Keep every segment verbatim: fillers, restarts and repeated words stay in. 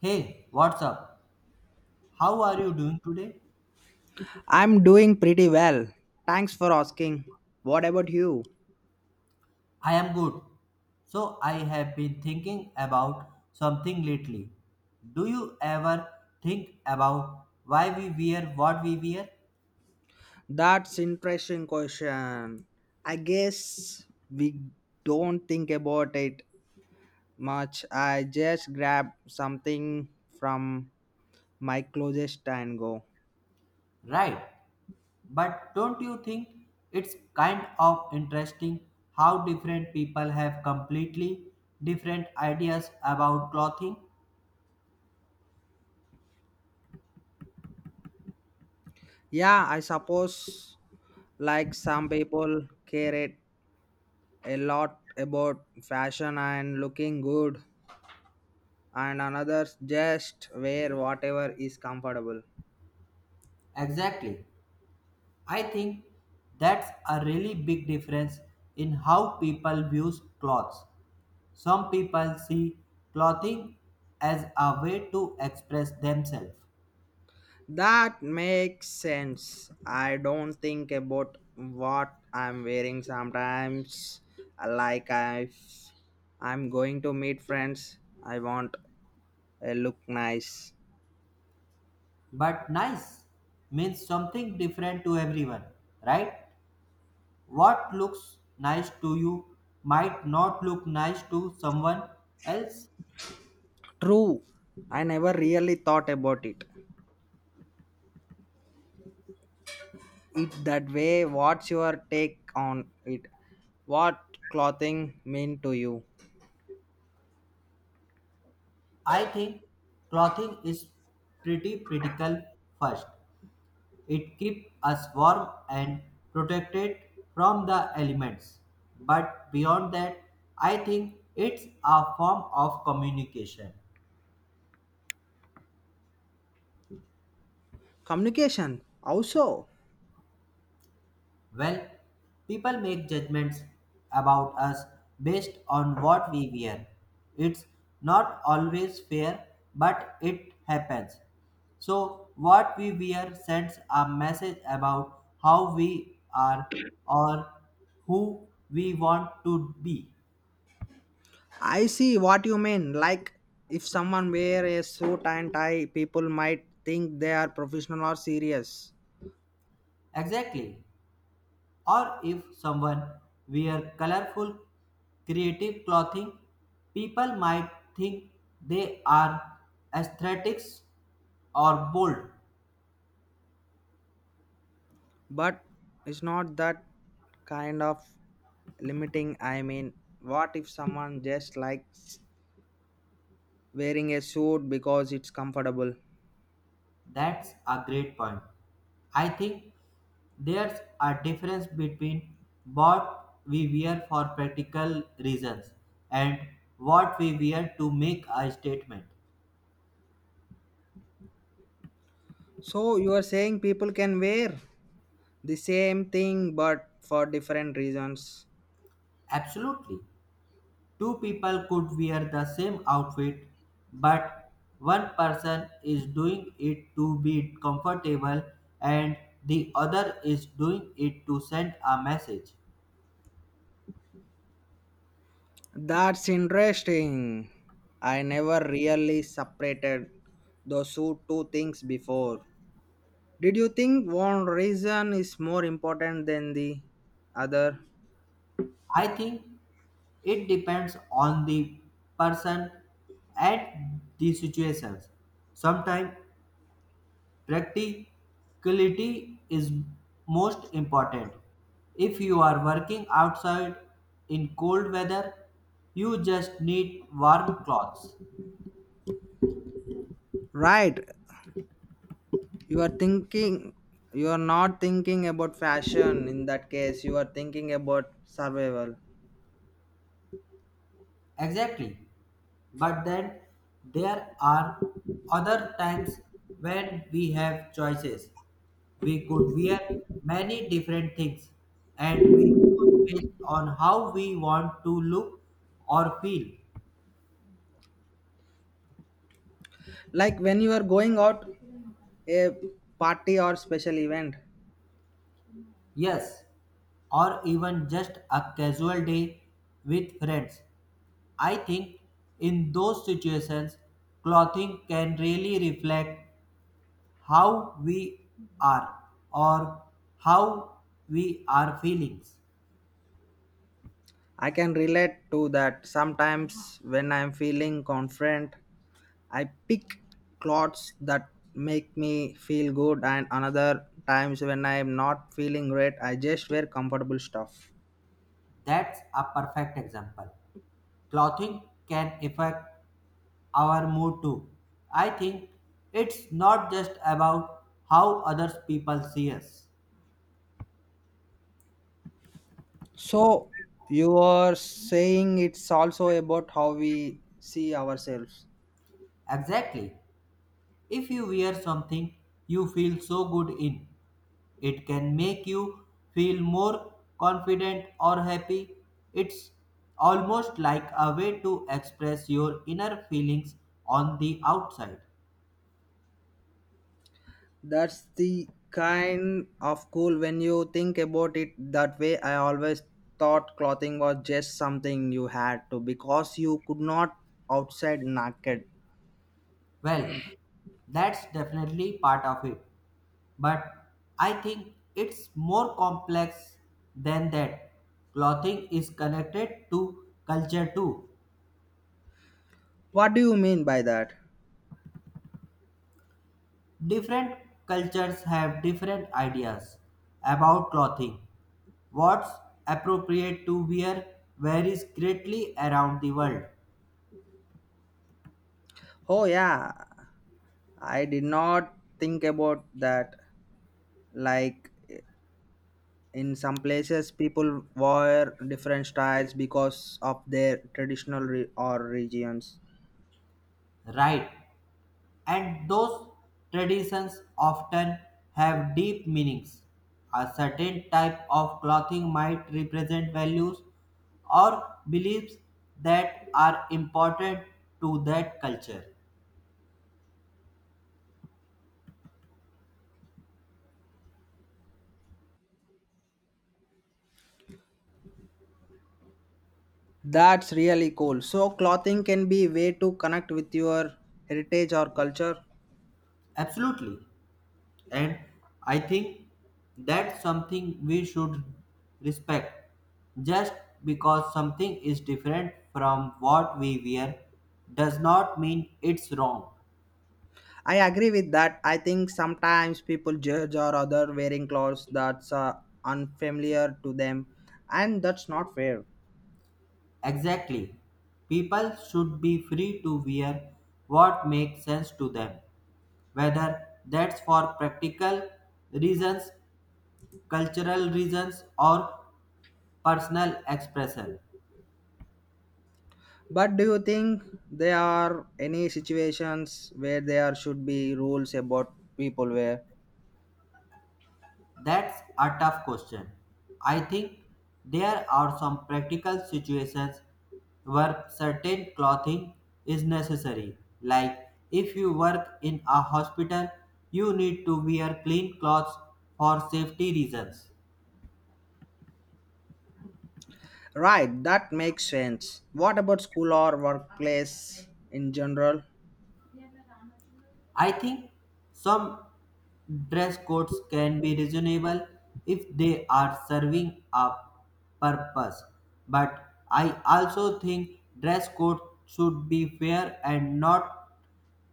Hey, what's up? How are you doing today? I'm doing pretty well. Thanks for asking. What about you? I am good. So, I have been thinking about something lately. Do you ever think about why we wear what we wear? That's interesting question. I guess we don't think about it much. I just grab something from my closest and go. Right. But don't you think it's kind of interesting how different people have completely different ideas about clothing? Yeah, I suppose like some people care it a lot about fashion and looking good and others just wear whatever is comfortable. Exactly. I think that's a really big difference in how people views clothes. Some people see clothing as a way to express themselves, That makes sense. I don't think about what I'm wearing sometimes. Like if I'm going to meet friends, I want a look nice. but nice means something different to everyone, right? What looks nice to you might not look nice to someone else. True. I never really thought about it. It that way. What's your take on it? What clothing mean to you? I think clothing is pretty critical first. It keeps us warm and protected from the elements. But beyond that, I think it's a form of communication. Communication. Also. Well, people make judgments about us based on what we wear. It's not always fair, but it happens. So, what we wear sends a message about how we are or who we want to be. I see what you mean. Like, if someone wear a suit and tie, people might think they are professional or serious. Exactly. Or if someone wear colorful, creative clothing, people might think they are aesthetics or bold. But it's not that kind of limiting. I mean, what if someone just likes wearing a suit because it's comfortable? That's a great point. I think there's a difference between what we wear for practical reasons and what we wear to make a statement. So you are saying people can wear the same thing but for different reasons. Absolutely. Two people could wear the same outfit, but one person is doing it to be comfortable and the other is doing it to send a message. That's interesting. I never really separated those two two things before. Did you think one reason is more important than the other? I think it depends on the person at the situations. Sometimes practicality is most important. If you are working outside in cold weather, you just need warm clothes. Right. You are thinking you are not thinking about fashion in that case. You are thinking about survival. Exactly. But then there are other times when we have choices. We could wear many different things and we choose based on how we want to look or feel. Like when you are going out a party or special event. Yes, or even just a casual day with friends. I think in those situations, clothing can really reflect how we are or how we are feelings. I can relate to that. Sometimes when I'm feeling confident I pick clothes that make me feel good, and another times when I am not feeling great, I just wear comfortable stuff. That's a perfect example. Clothing can affect our mood too. I think it's not just about how others people see us. So, you are saying it's also about how we see ourselves. Exactly. If you wear something you feel so good in, it can make you feel more confident or happy. It's almost like a way to express your inner feelings on the outside. That's the kind of cool when you think about it that way. I always thought clothing was just something you had to because you could not outside naked. Well, that's definitely part of it. But I think it's more complex than that. Clothing is connected to culture too. What do you mean by that? Different cultures have different ideas about clothing. What's appropriate to wear varies greatly around the world, Oh, yeah. I did not think about that. Like in some places, people wear different styles because of their traditional re- or regions. right? And those traditions often have deep meanings. A certain type of clothing might represent values or beliefs that are important to that culture. That's really cool. So clothing can be a way to connect with your heritage or culture. Absolutely. And I think that's something we should respect. Just because something is different from what we wear does not mean it's wrong. I agree with that. I think sometimes people judge or other wearing clothes that's uh, unfamiliar to them, and that's not fair. Exactly. People should be free to wear what makes sense to them, whether that's for practical reasons, cultural reasons, or personal expression. But do you think there are any situations where there should be rules about people wear? That's a tough question. I think there are some practical situations where certain clothing is necessary. Like if you work in a hospital, you need to wear clean clothes for safety reasons. Right, that makes sense. What about school or workplace in general? I think some dress codes can be reasonable if they are serving a purpose, but I also think dress code should be fair and not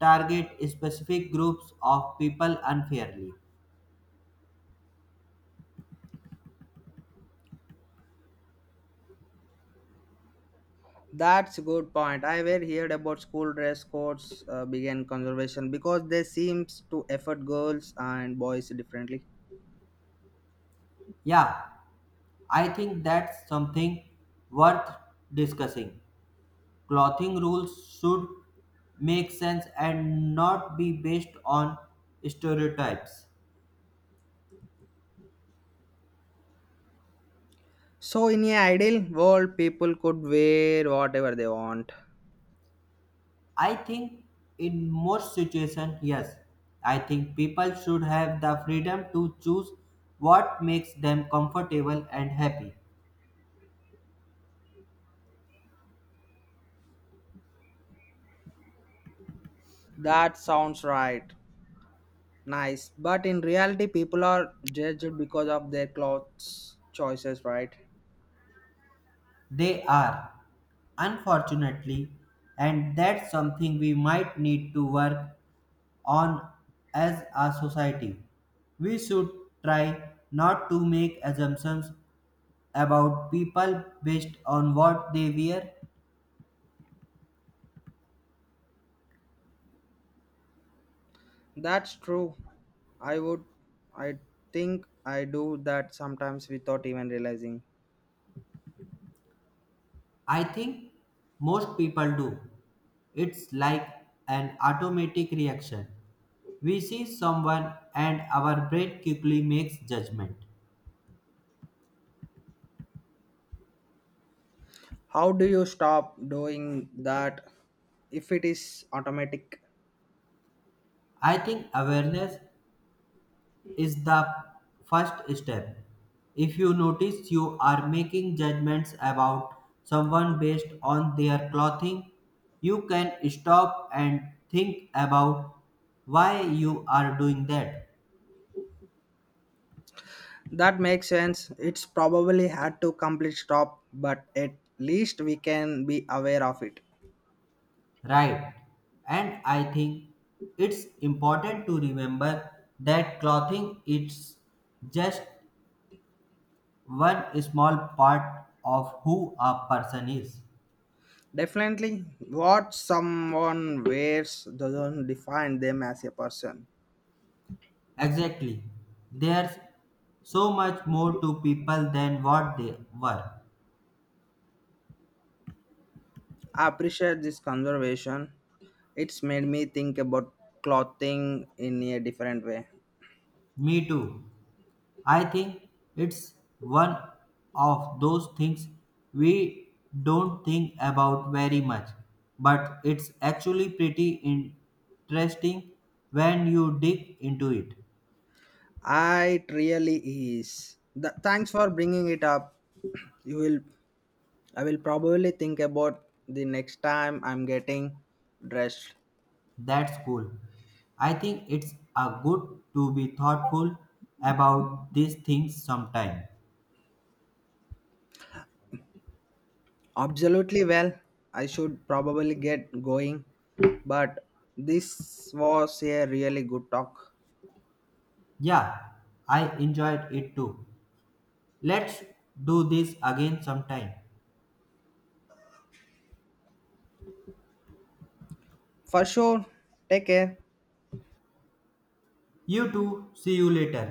target specific groups of people unfairly. That's a good point. I were heard about school dress codes uh, began conservation because they seems to affect girls and boys differently. Yeah, I think that's something worth discussing. Clothing rules should make sense and not be based on stereotypes. So in an ideal world, people could wear whatever they want. I think in most situations, yes. I think people should have the freedom to choose what makes them comfortable and happy. That sounds right. Nice. But in reality, people are judged because of their clothes choices, right? They are, unfortunately, and that's something we might need to work on as a society. We should try not to make assumptions about people based on what they wear. That's true. I would, I think I do that sometimes without even realizing. I think most people do. It's like an automatic reaction. We see someone and our brain quickly makes judgment. How do you stop doing that if it is automatic? I think awareness is the first step. If you notice you are making judgments about someone based on their clothing, you can stop and think about why you are doing that. That makes sense. It's probably had to complete stop, but at least we can be aware of it. Right. And I think it's important to remember that clothing is just one small part of who a person is. Definitely, what someone wears doesn't define them as a person. Exactly. There's so much more to people than what they were. I appreciate this conservation. It's made me think about clothing in a different way. Me too. I think it's one of those things we don't think about very much, but it's actually pretty interesting when you dig into it. I really is. Th- thanks for bringing it up. You will. I will probably think about the next time I'm getting dressed. That's cool. I think it's a good to be thoughtful about these things sometime. Absolutely well. I should probably get going. But this was a really good talk. Yeah, I enjoyed it too. Let's do this again sometime. For sure. Take care. You too. See you later.